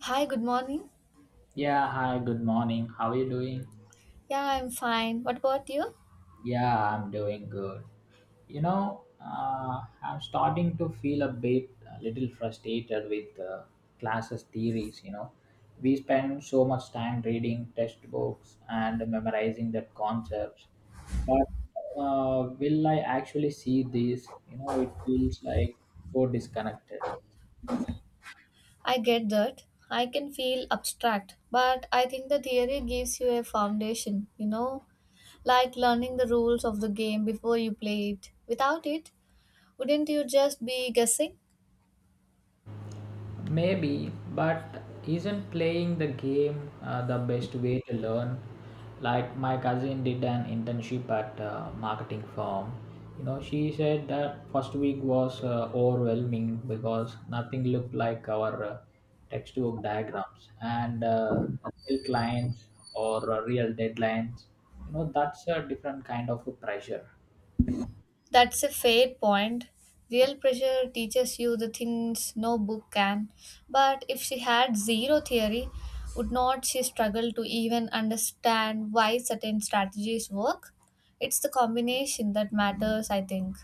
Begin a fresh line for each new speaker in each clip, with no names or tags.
Hi, good morning.
Yeah, hi, good morning. How are you doing?
Yeah, I'm fine. What about you?
Yeah, I'm doing good. I'm starting to feel a little frustrated with classes' theories. You know, we spend so much time reading textbooks and memorizing the concepts, but will I actually see this? You know, it feels like so disconnected.
I get that. I can feel abstract, but I think the theory gives you a foundation, you know, like learning the rules of the game before you play it. Without it, wouldn't you just be guessing?
Maybe, but isn't playing the game the best way to learn? Like my cousin did an internship at a marketing firm. You know, she said that first week was overwhelming because nothing looked like our textbook diagrams and real clients or real deadlines. You know, that's a different kind of a pressure.
That's a fair point. Real pressure teaches you the things no book can. But if she had zero theory, would not she struggle to even understand why certain strategies work? It's the combination that matters, I think.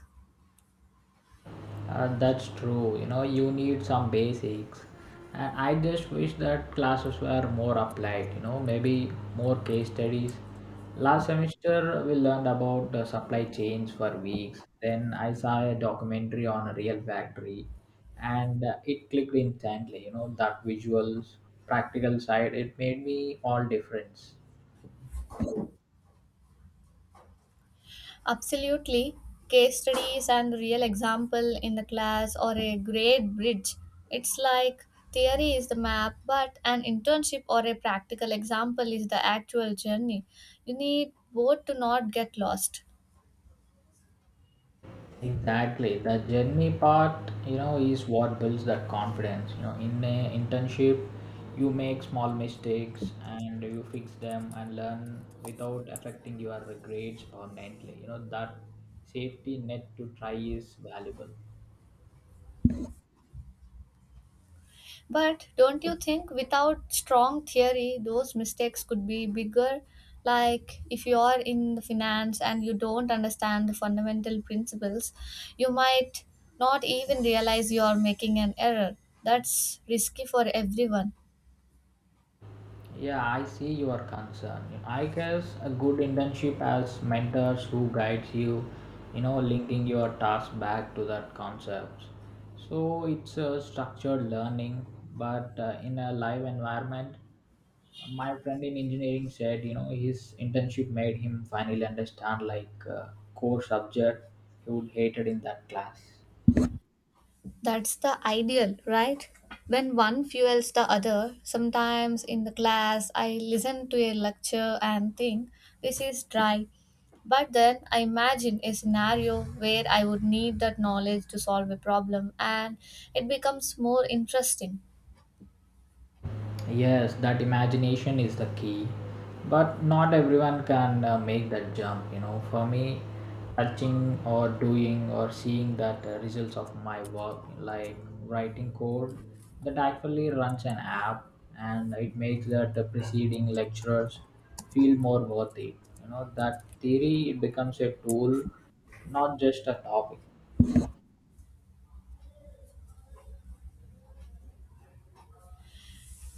That's true. You know, you need some basics. And I just wish that classes were more applied, you know, maybe more case studies. Last semester, we learned about the supply chains for weeks. Then I saw a documentary on a real factory and it clicked instantly, you know, that visuals, practical side, it made me all difference.
Absolutely. Case studies and real example in the class or a great bridge. It's like theory is the map, but an internship or a practical example is the actual journey. You need both to not get lost.
Exactly. The journey part, you know, is what builds that confidence. You know, in a internship, you make small mistakes and you fix them and learn without affecting your grades permanently. You know, that safety net to try is valuable.
But don't you think without strong theory, those mistakes could be bigger? Like if you are in the finance and you don't understand the fundamental principles, you might not even realize you are making an error. That's risky for everyone.
Yeah, I see your concern. I guess a good internship has mentors who guides you, you know, linking your task back to that concepts. So it's a structured learning, but in a live environment, my friend in engineering said, you know, his internship made him finally understand like core subject he would hated in that class.
That's the ideal, right? When one fuels the other, sometimes in the class I listen to a lecture and think this is dry, but then I imagine a scenario where I would need that knowledge to solve a problem and it becomes more interesting.
Yes, that imagination is the key. But not everyone can make that jump, you know. For me, touching or doing or seeing that results of my work, like writing code that actually runs an app and it makes that the preceding lecturers feel more worth it. You know, that theory it becomes a tool, not just a topic.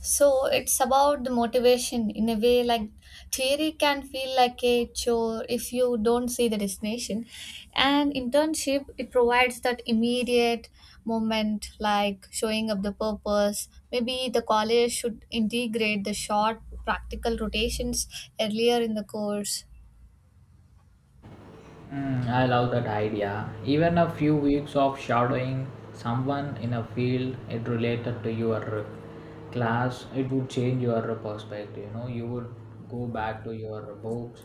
So it's about the motivation in a way like theory can feel like a chore if you don't see the destination. And internship it provides that immediate moment like showing up the purpose. Maybe the college should integrate the short practical rotations earlier in the course
Mm, I love that idea. Even a few weeks of shadowing someone in a field it related to your class, it would change your perspective. You know, you would go back to your books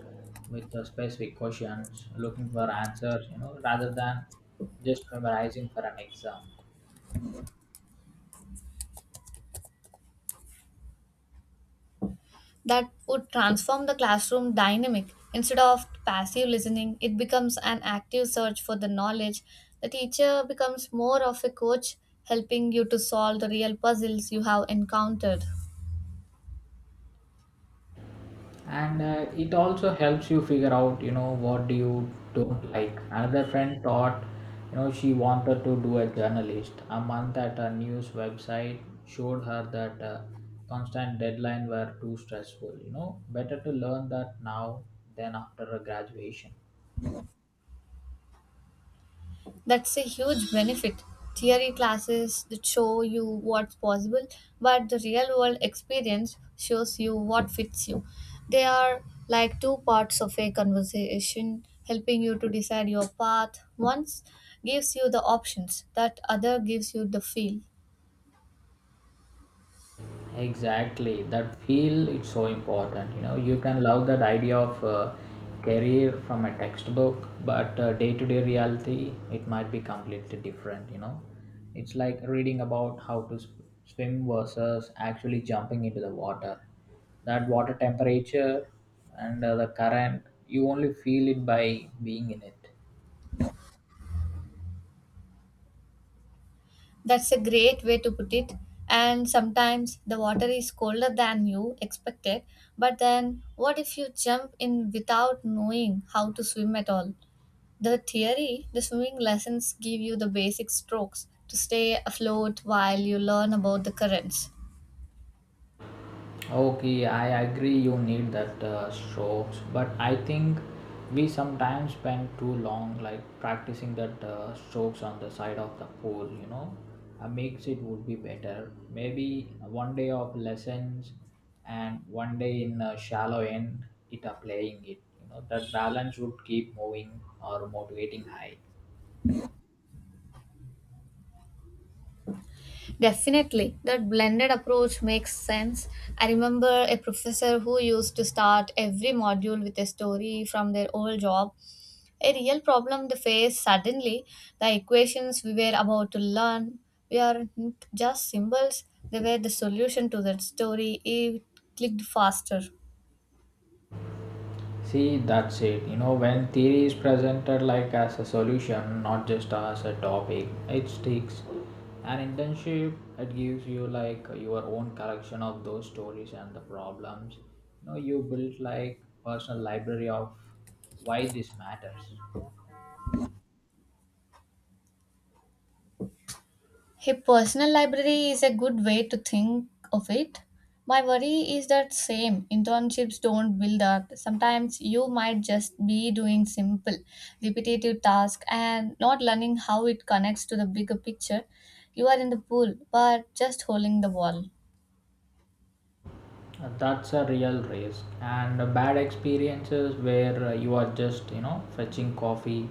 with the specific questions, looking for answers. You know, rather than just memorizing for an exam.
that would transform the classroom dynamic. Instead of passive listening, it becomes an active search for the knowledge. The teacher becomes more of a coach, helping you to solve the real puzzles you have encountered.
And it also helps you figure out, you know, what do you don't like. Another friend thought, you know, she wanted to do a journalist. A month at a news website showed her that constant deadline were too stressful. You know, better to learn that now than after a graduation.
That's a huge benefit. Theory classes that show you what's possible, but the real world experience shows you what fits you. They are like two parts of a conversation, helping you to decide your path. One gives you the options, that other gives you the feel.
Exactly, that feel it's so important. You know, you can love that idea of career from a textbook, but day-to-day reality it might be completely different. You know, it's like reading about how to swim versus actually jumping into the water. That water temperature and the current, you only feel it by being in it.
That's a great way to put it. And sometimes the water is colder than you expected, but then what if you jump in without knowing how to swim at all? The theory, the swimming lessons give you the basic strokes to stay afloat while you learn about the currents.
Okay, I agree you need that strokes, but I think we sometimes spend too long like practicing that strokes on the side of the pole, you know. A mix it would be better. Maybe one day of lessons and one day in a shallow end it applying it. You know, that balance would keep moving or motivating high.
Definitely, that blended approach makes sense. I remember a professor who used to start every module with a story from their old job, a real problem they faced suddenly. The equations we were about to learn weren't just symbols, they were the solution to that story. It clicked faster.
See, that's it. You know, when theory is presented like as a solution, not just as a topic, it sticks. An internship, it gives you like your own collection of those stories and the problems. You know, you build like personal library of why this matters.
A personal library is a good way to think of it. My worry is that same internships don't build up. Sometimes you might just be doing simple, repetitive tasks and not learning how it connects to the bigger picture. You are in the pool, but just holding the ball.
That's a real risk. And bad experiences where you are just, you know, fetching coffee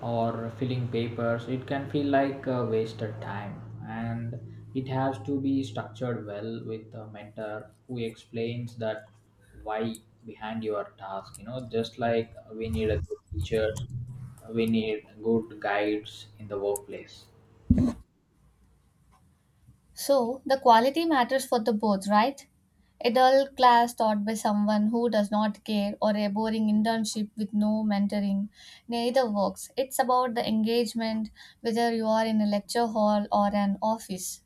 or filling papers, it can feel like a wasted time. And it has to be structured well with a mentor who explains that why behind your task. You know, just like we need a good teacher, we need good guides in the workplace.
So, the quality matters for the both, right? A dull class taught by someone who does not care or a boring internship with no mentoring, neither works. It's about the engagement, whether you are in a lecture hall or an office.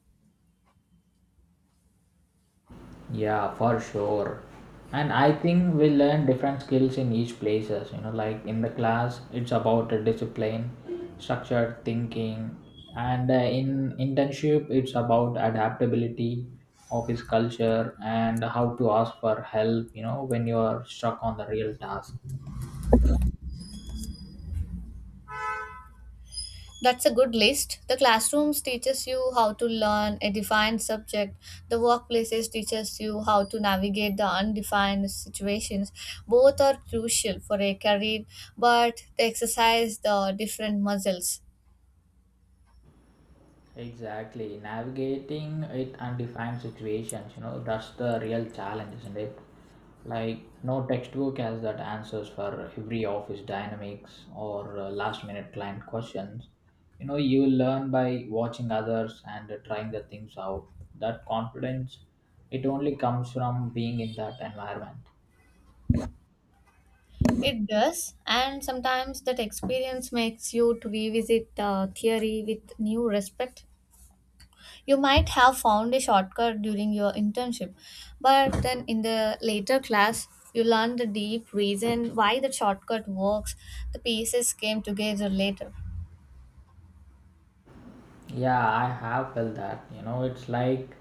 Yeah, for sure. And I think we learn different skills in each places. You know, like in the class, it's about a discipline, structured thinking, and in internship, it's about adaptability, office culture, and how to ask for help. You know, when you are stuck on the real task.
That's a good list. The classrooms teaches you how to learn a defined subject. The workplaces teaches you how to navigate the undefined situations. Both are crucial for a career, but they exercise the different muscles.
Exactly. Navigating it undefined situations, you know, that's the real challenge, isn't it? Like, no textbook has that answers for every office dynamics or last minute client questions. You know, you learn by watching others and trying the things out. That confidence, it only comes from being in that environment.
It does, and sometimes that experience makes you to revisit theory with new respect. You might have found a shortcut during your internship, but then in the later class, you learn the deep reason why the shortcut works. The pieces came together later.
Yeah, I have felt that. You know, it's like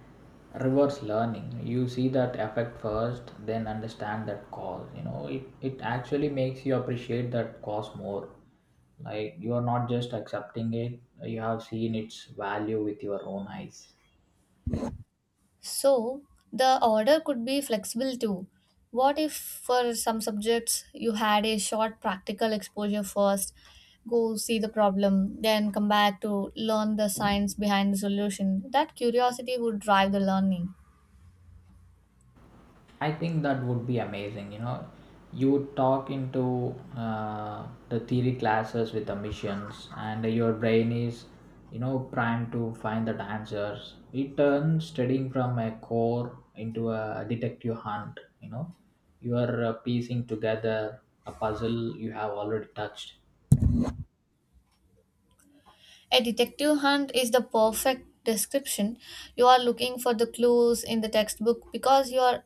reverse learning. You see that effect first, then understand that cause. You know, it actually makes you appreciate that cause more. Like, you are not just accepting it, you have seen its value with your own eyes.
So the order could be flexible too. What if for some subjects you had a short practical exposure first, go see the problem, then come back to learn the science behind the solution? That curiosity would drive the learning.
I think that would be amazing. You know, you talk into the theory classes with the missions, and your brain is, you know, primed to find that answers. It turns studying from a core into a detective hunt. You know, you are piecing together a puzzle you have already touched.
A detective hunt is the perfect description. You are looking for the clues in the textbook because you are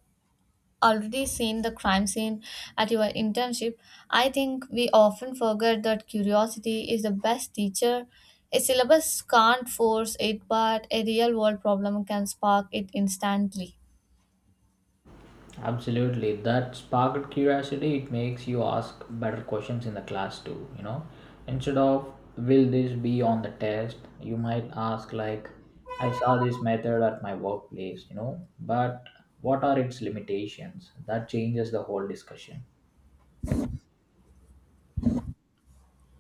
already seen the crime scene at your internship, I think we often forget that curiosity is the best teacher. A syllabus can't force it, but a real world problem can spark it instantly.
Absolutely. That sparked curiosity. It makes you ask better questions in the class too, you know. Instead of will this be on the test, you might ask like I saw this method at my workplace, you know, but what are its limitations? That changes the whole discussion.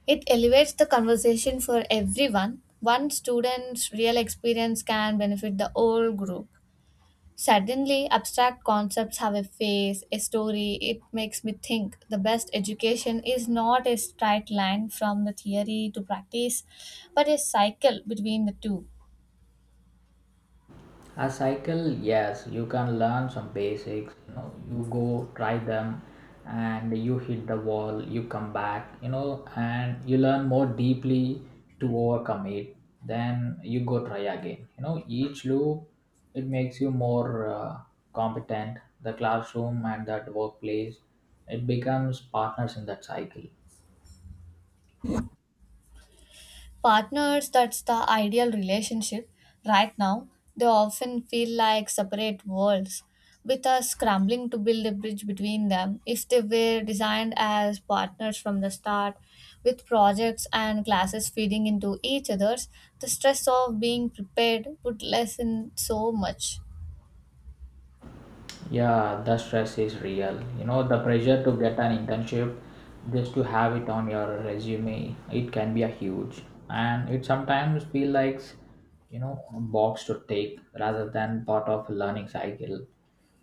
It elevates the conversation for everyone. One student's real experience can benefit the whole group. Suddenly, abstract concepts have a face, a story. It makes me think the best education is not a straight line from the theory to practice, but a cycle between the two.
A cycle, yes, you can learn some basics. You know, you go try them, and you hit the wall. You come back. You know, and you learn more deeply to overcome it. Then you go try again. You know, each loop it makes you more competent. The classroom and that workplace, it becomes partners in that cycle.
Partners, that's the ideal relationship. Right now, they often feel like separate worlds, with us scrambling to build a bridge between them. If they were designed as partners from the start, with projects and classes feeding into each other's, the stress of being prepared would lessen so much.
Yeah, the stress is real. You know, the pressure to get an internship just to have it on your resume, it can be a huge. And it sometimes feel like, you know, a box to take rather than part of learning cycle.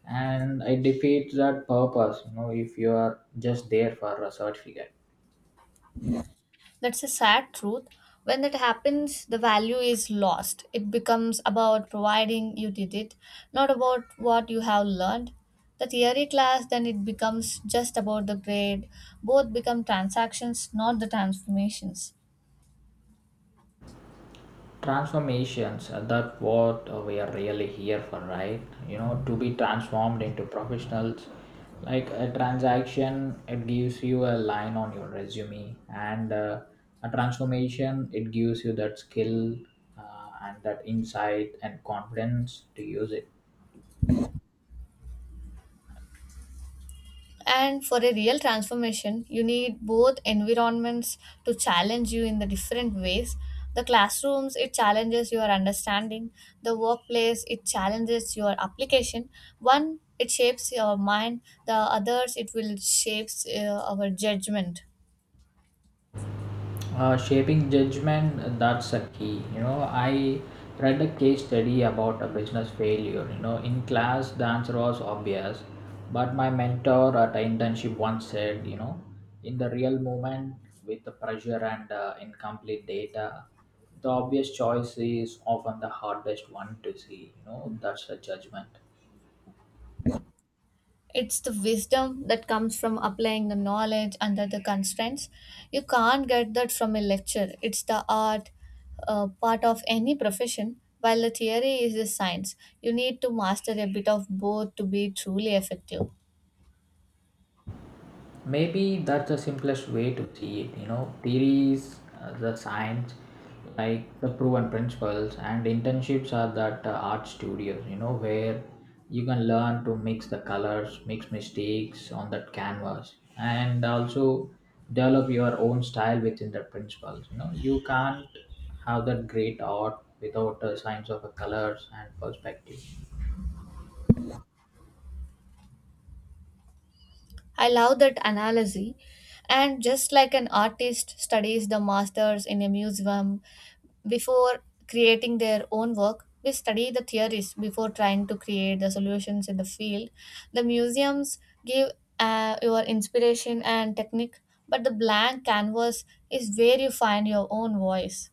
And it defeats that purpose, you know, if you are just there for a certificate.
That's a sad truth. When that happens, the value is lost. It becomes about providing you did it, not about what you have learned. The theory class then it becomes just about the grade. Both become transactions, not the transformations.
Transformations, that what we are really here for, right? You know, to be transformed into professionals. Like a transaction it gives you a line on your resume, and a transformation it gives you that skill and that insight and confidence to use it.
And for a real transformation, you need both environments to challenge you in the different ways. The classrooms, it challenges your understanding. The workplace, it challenges your application. One, it shapes your mind. The others, it will shapes our judgment.
Shaping judgment, that's a key, you know. I read a case study about a business failure, you know, in class the answer was obvious, but my mentor at an internship once said, you know, in the real moment, with the pressure and incomplete data, the obvious choice is often the hardest one to see. You know, that's a judgment.
It's the wisdom that comes from applying the knowledge under the constraints. You can't get that from a lecture. It's the art, part of any profession, while the theory is the science. You need to master a bit of both to be truly effective.
Maybe that's the simplest way to see it. You know, theories the science, like the proven principles, and internships are that art studios. You know, where you can learn to mix the colors, mix mistakes on that canvas, and also develop your own style within the principles. You know, you can't have that great art without a science of the colors and perspective.
I love that analogy. And just like an artist studies the masters in a museum before creating their own work, we study the theories before trying to create the solutions in the field. The museums give your inspiration and technique, but the blank canvas is where you find your own voice.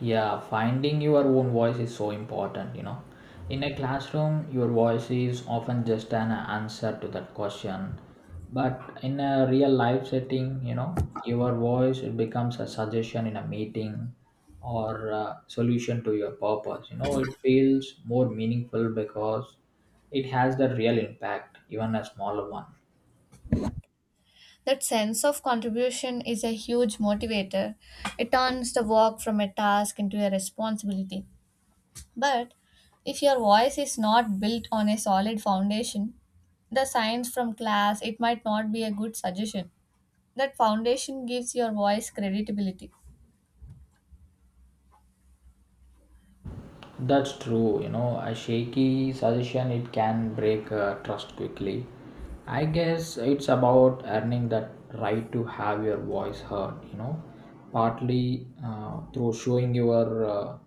Yeah, finding your own voice is so important, you know. In a classroom, your voice is often just an answer to that question. But in a real life setting, you know, your voice it becomes a suggestion in a meeting or a solution to your purpose. You know, it feels more meaningful because it has the real impact, even a smaller one.
That sense of contribution is a huge motivator. It turns the work from a task into a responsibility. But if your voice is not built on a solid foundation, the science from class, it might not be a good suggestion. That foundation gives your voice credibility.
That's true. You know, a shaky suggestion it can break trust quickly. I guess it's about earning that right to have your voice heard. You know, partly through showing your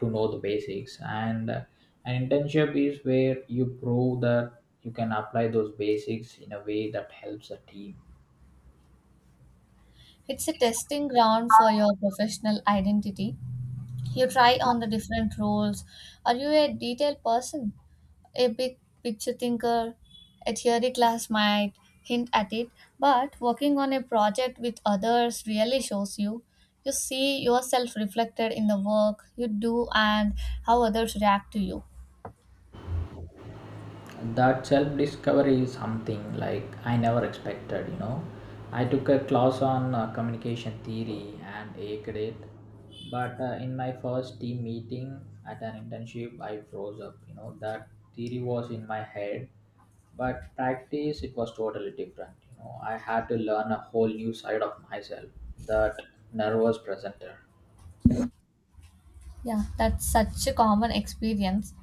to know the basics, and an internship is where you prove that you can apply those basics in a way that helps the team.
It's a testing ground for your professional identity. You try on the different roles. Are you a detail person? A big picture thinker, a theory class might hint at it, but working on a project with others really shows you. You see yourself reflected in the work you do and how others react to you.
That self discovery is something like I never expected, you know. I took a class on communication theory and aced it, but in my first team meeting at an internship, I froze up. You know, that theory was in my head, but practice it was totally different. You know, I had to learn a whole new side of myself, that nervous presenter.
Yeah, that's such a common experience.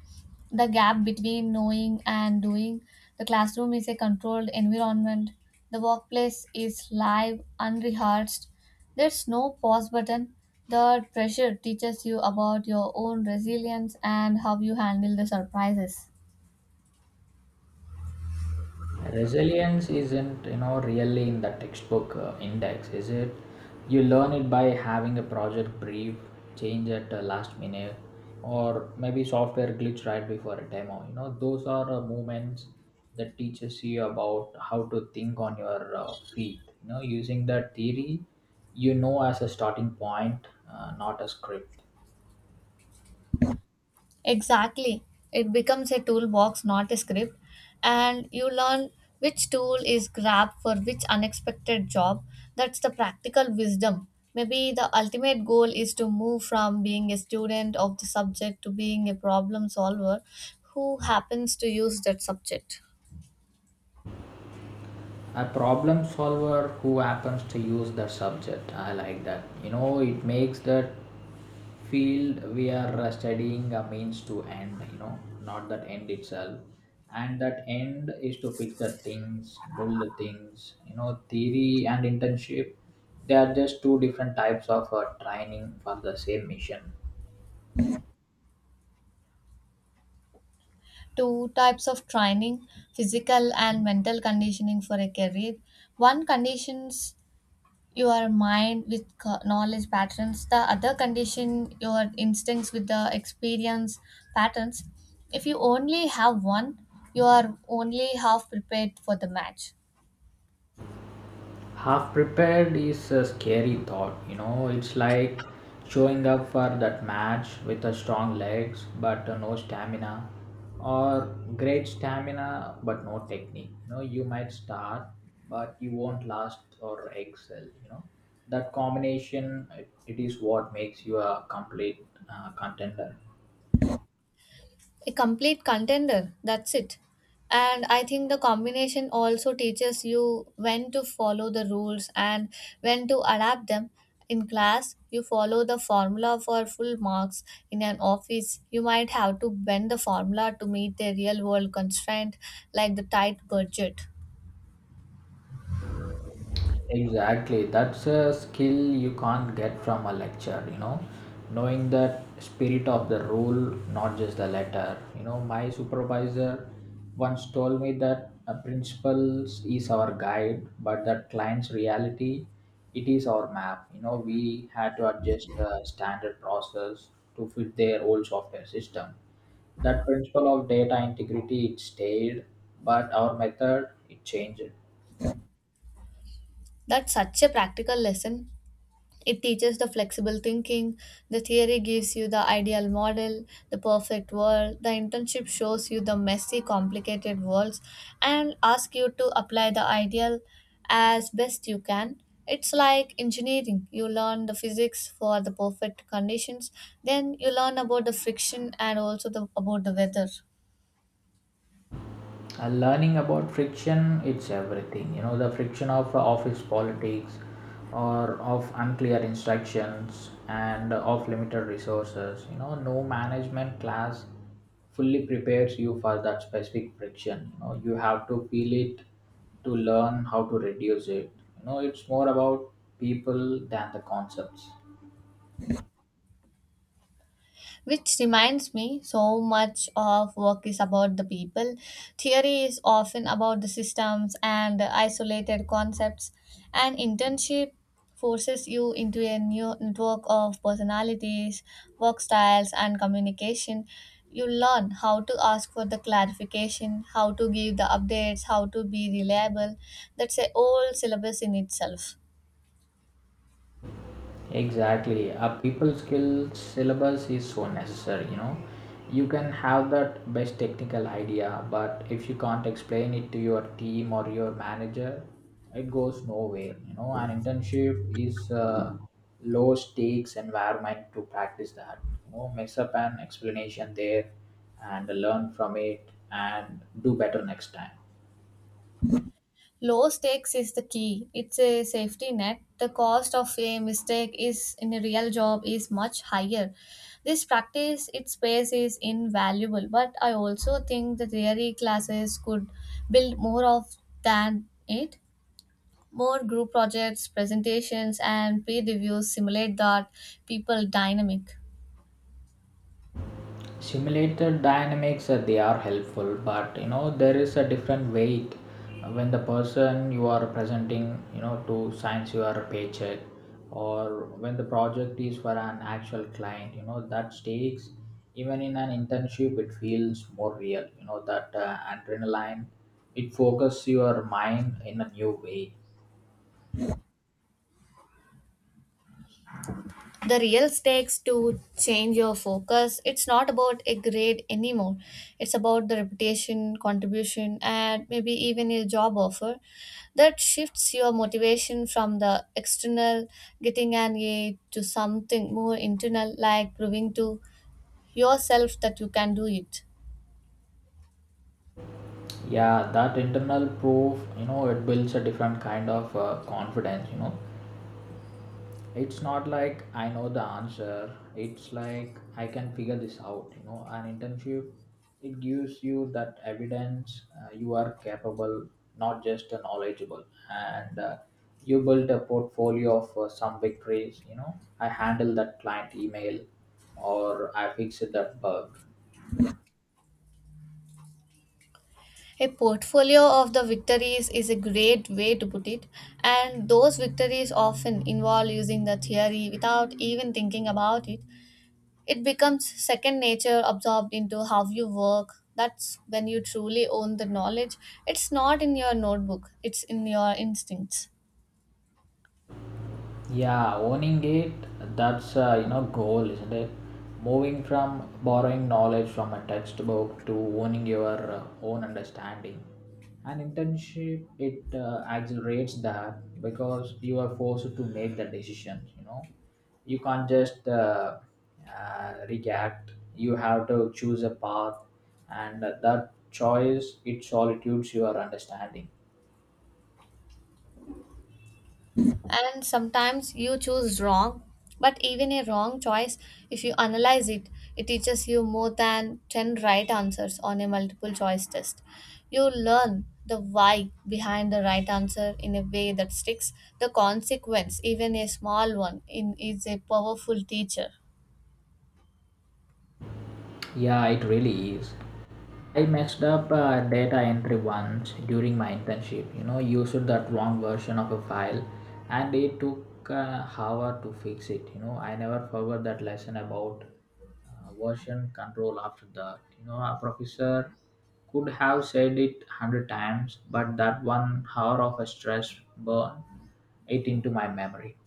The gap between knowing and doing. The classroom is a controlled environment. The workplace is live, unrehearsed. There's no pause button. The pressure teaches you about your own resilience and how you handle the surprises.
Resilience isn't, you know, really in the textbook index, is it? You learn it by having a project brief change at last minute, or maybe software glitch right before a demo. You know, those are moments that teaches you about how to think on your feet, you know, using that theory, you know, as a starting point, not a script.
Exactly. It becomes a toolbox, not a script. And you learn which tool is grabbed for which unexpected job. That's the practical wisdom. Maybe the ultimate goal is to move from being a student of the subject to being a problem solver who happens to use that subject.
A problem solver who happens to use the subject, I like that. You know, it makes that field we are studying a means to end, you know, not that end itself, and that end is to fix the things, build the things. You know, theory and internship, they are just two different types of training for the same mission.
Two types of training physical and mental conditioning for a career. One conditions your mind with knowledge patterns the other condition your instincts with the experience patterns if you only have one you are only half prepared for the match
Half prepared is a scary thought, you know. It's like showing up for that match with a strong legs but no stamina, or great stamina but no technique. You know, you might start but you won't last or excel. You know, that combination, it is what makes you a complete contender.
a complete contender. That's it. And I think the combination also teaches you when to follow the rules and when to adapt them. In class, you follow the formula for full marks. In an office, you might have to bend the formula to meet a real world constraint like the tight budget.
Exactly. That's a skill you can't get from a lecture, Knowing that spirit of the rule, not just the letter. You know, my supervisor once told me that a principles is our guide, but that client's reality, it is our map. You know, we had to adjust the standard process to fit their old software system. That principle of data integrity, it stayed, but our method, it changed.
That's such a practical lesson. It teaches the flexible thinking. The theory gives you the ideal model, the perfect world. The internship shows you the messy, complicated worlds and asks you to apply the ideal as best you can. It's like engineering. You learn the physics for the perfect conditions, then you learn about the friction and also about the weather.
Learning about friction, it's everything. You know, the friction of office politics, or of unclear instructions and of limited resources. You know, no management class fully prepares you for that specific friction. You know, you have to feel it to learn how to reduce it. You know, it's more about people than the concepts.
Which reminds me, so much of work is about the people. Theory is often about the systems and isolated concepts. An internship forces you into a new network of personalities, work styles, and communication. You learn how to ask for the clarification, how to give the updates, how to be reliable. That's a whole syllabus in itself.
Exactly. A people skills syllabus is so necessary, you know. You can have that best technical idea, but if you can't explain it to your team or your manager, it, goes nowhere, you know. An internship is a low stakes environment to practice that. You know, mess up an explanation there and learn from it and do better next time.
Low stakes is the key. It's a safety net. The cost of a mistake is in a real job is much higher. This practice its space is invaluable, but I also think the theory classes could build more of than it. More group projects, presentations and peer reviews simulate that people dynamic.
Simulated dynamics, they are helpful, but you know, there is a different weight when the person you are presenting, you know, to signs your paycheck, or when the project is for an actual client. You know, that stakes, even in an internship, it feels more real. You know, that adrenaline, it focuses your mind in a new way.
The real stakes to change your focus, it's not about a grade anymore, it's about the reputation, contribution, and maybe even a job offer. That shifts your motivation from the external, getting an A, to something more internal like proving to yourself that you can do it.
Yeah, that internal proof, you know, it builds a different kind of confidence. It's not like I know the answer. It's like I can figure this out. You know, an internship, it gives you that evidence you are capable, not just a knowledgeable. And you build a portfolio of some victories. You know, I handle that client email, or I fixed that bug.
A portfolio of the victories is a great way to put it, and those victories often involve using the theory without even thinking about it. It becomes second nature, absorbed into how you work. That's when you truly own the knowledge. It's not in your notebook, it's in your instincts.
Yeah, owning it, that's goal, isn't it? Moving from borrowing knowledge from a textbook to owning your own understanding. An internship, it accelerates that because you are forced to make the decision. You know, you can't just react. You have to choose a path, and that choice, it solitudes your understanding.
And sometimes you choose wrong, but even a wrong choice, if you analyze it, it teaches you more than 10 right answers on a multiple choice test. You learn the why behind the right answer in a way that sticks. The consequence, even a small one, is a powerful teacher.
Yeah, it really is. I messed up data entry once during my internship. You know, used that wrong version of a file, and it took an hour to fix it. You know, I never forgot that lesson about version control. After that, you know, a professor could have said it hundred times, but that 1 hour of a stress burn it into my memory.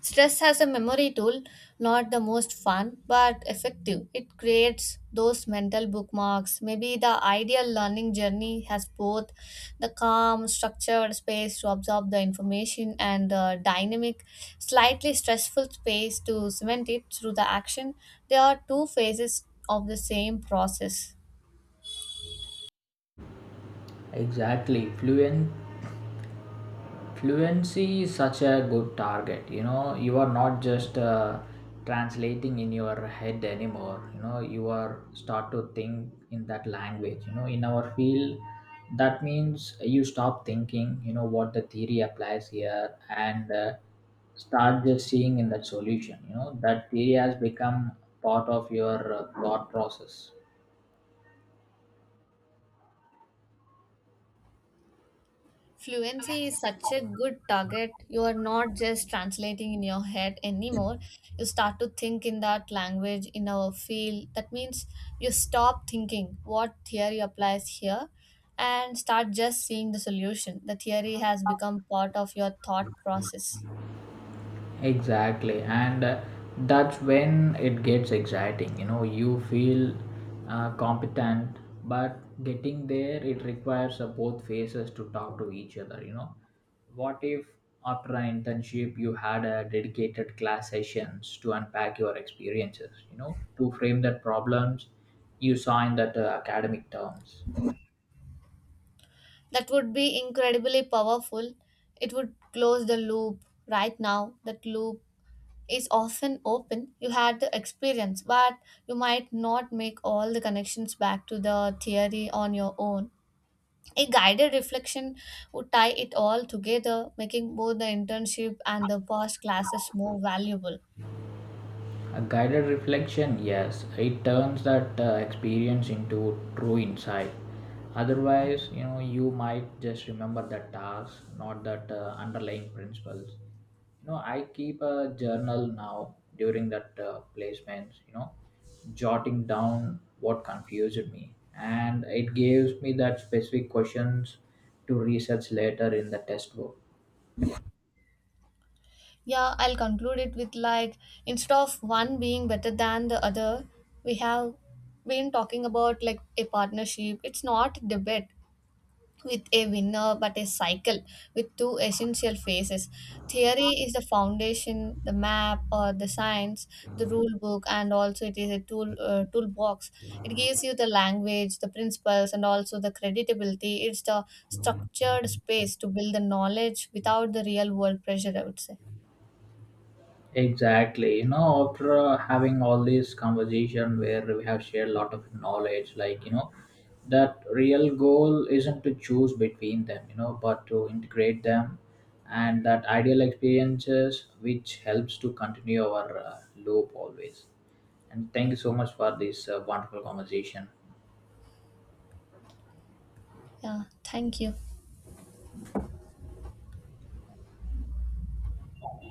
Stress as a memory tool, not the most fun but effective. It creates those mental bookmarks. Maybe the ideal learning journey has both the calm, structured space to absorb the information and the dynamic, slightly stressful space to cement it through the action. They are two phases of the same process.
Exactly, fluent fluency is such a good target. You know, you are not just translating in your head anymore. You know, you are start to think in that language. You know, in our field, that means you stop thinking, you know, what the theory applies here, and start just seeing in that solution. You know, that theory has become part of your thought process.
Fluency is such a good target. You are not just translating in your head anymore. You start to think in that language, in our field. That means you stop thinking what theory applies here and start just seeing the solution. The theory has become part of your thought process.
Exactly, and that's when it gets exciting. You know, you feel competent, but getting there, it requires both faces to talk to each other. You know, what if after an internship you had a dedicated class sessions to unpack your experiences? You know, to frame the problems you saw in that academic terms.
That would be incredibly powerful. It would close the loop. Right now, that loop is often open, you had the experience, but you might not make all the connections back to the theory on your own. A guided reflection would tie it all together, making both the internship and the past classes more valuable.
A guided reflection, yes, it turns that experience into true insight. Otherwise, you know, you might just remember the task, not that underlying principles. You know, I keep a journal now during that placements. You know, jotting down what confused me, and it gives me that specific questions to research later in the test book.
Yeah, I'll conclude it with like instead of one being better than the other, we have been talking about like a partnership. It's not debate, with a winner but a cycle with two essential phases. Theory is the foundation, the map or the science, the rule book, and also it is a toolbox. It gives you the language, the principles, and also the credibility. It's the structured space to build the knowledge without the real world pressure, I would say.
Exactly. You know, after having all this conversation where we have shared a lot of knowledge, like, you know, that real goal isn't to choose between them, you know, but to integrate them, and that ideal experiences which helps to continue our loop always. And thank you so much for this wonderful conversation.
Yeah. Thank you.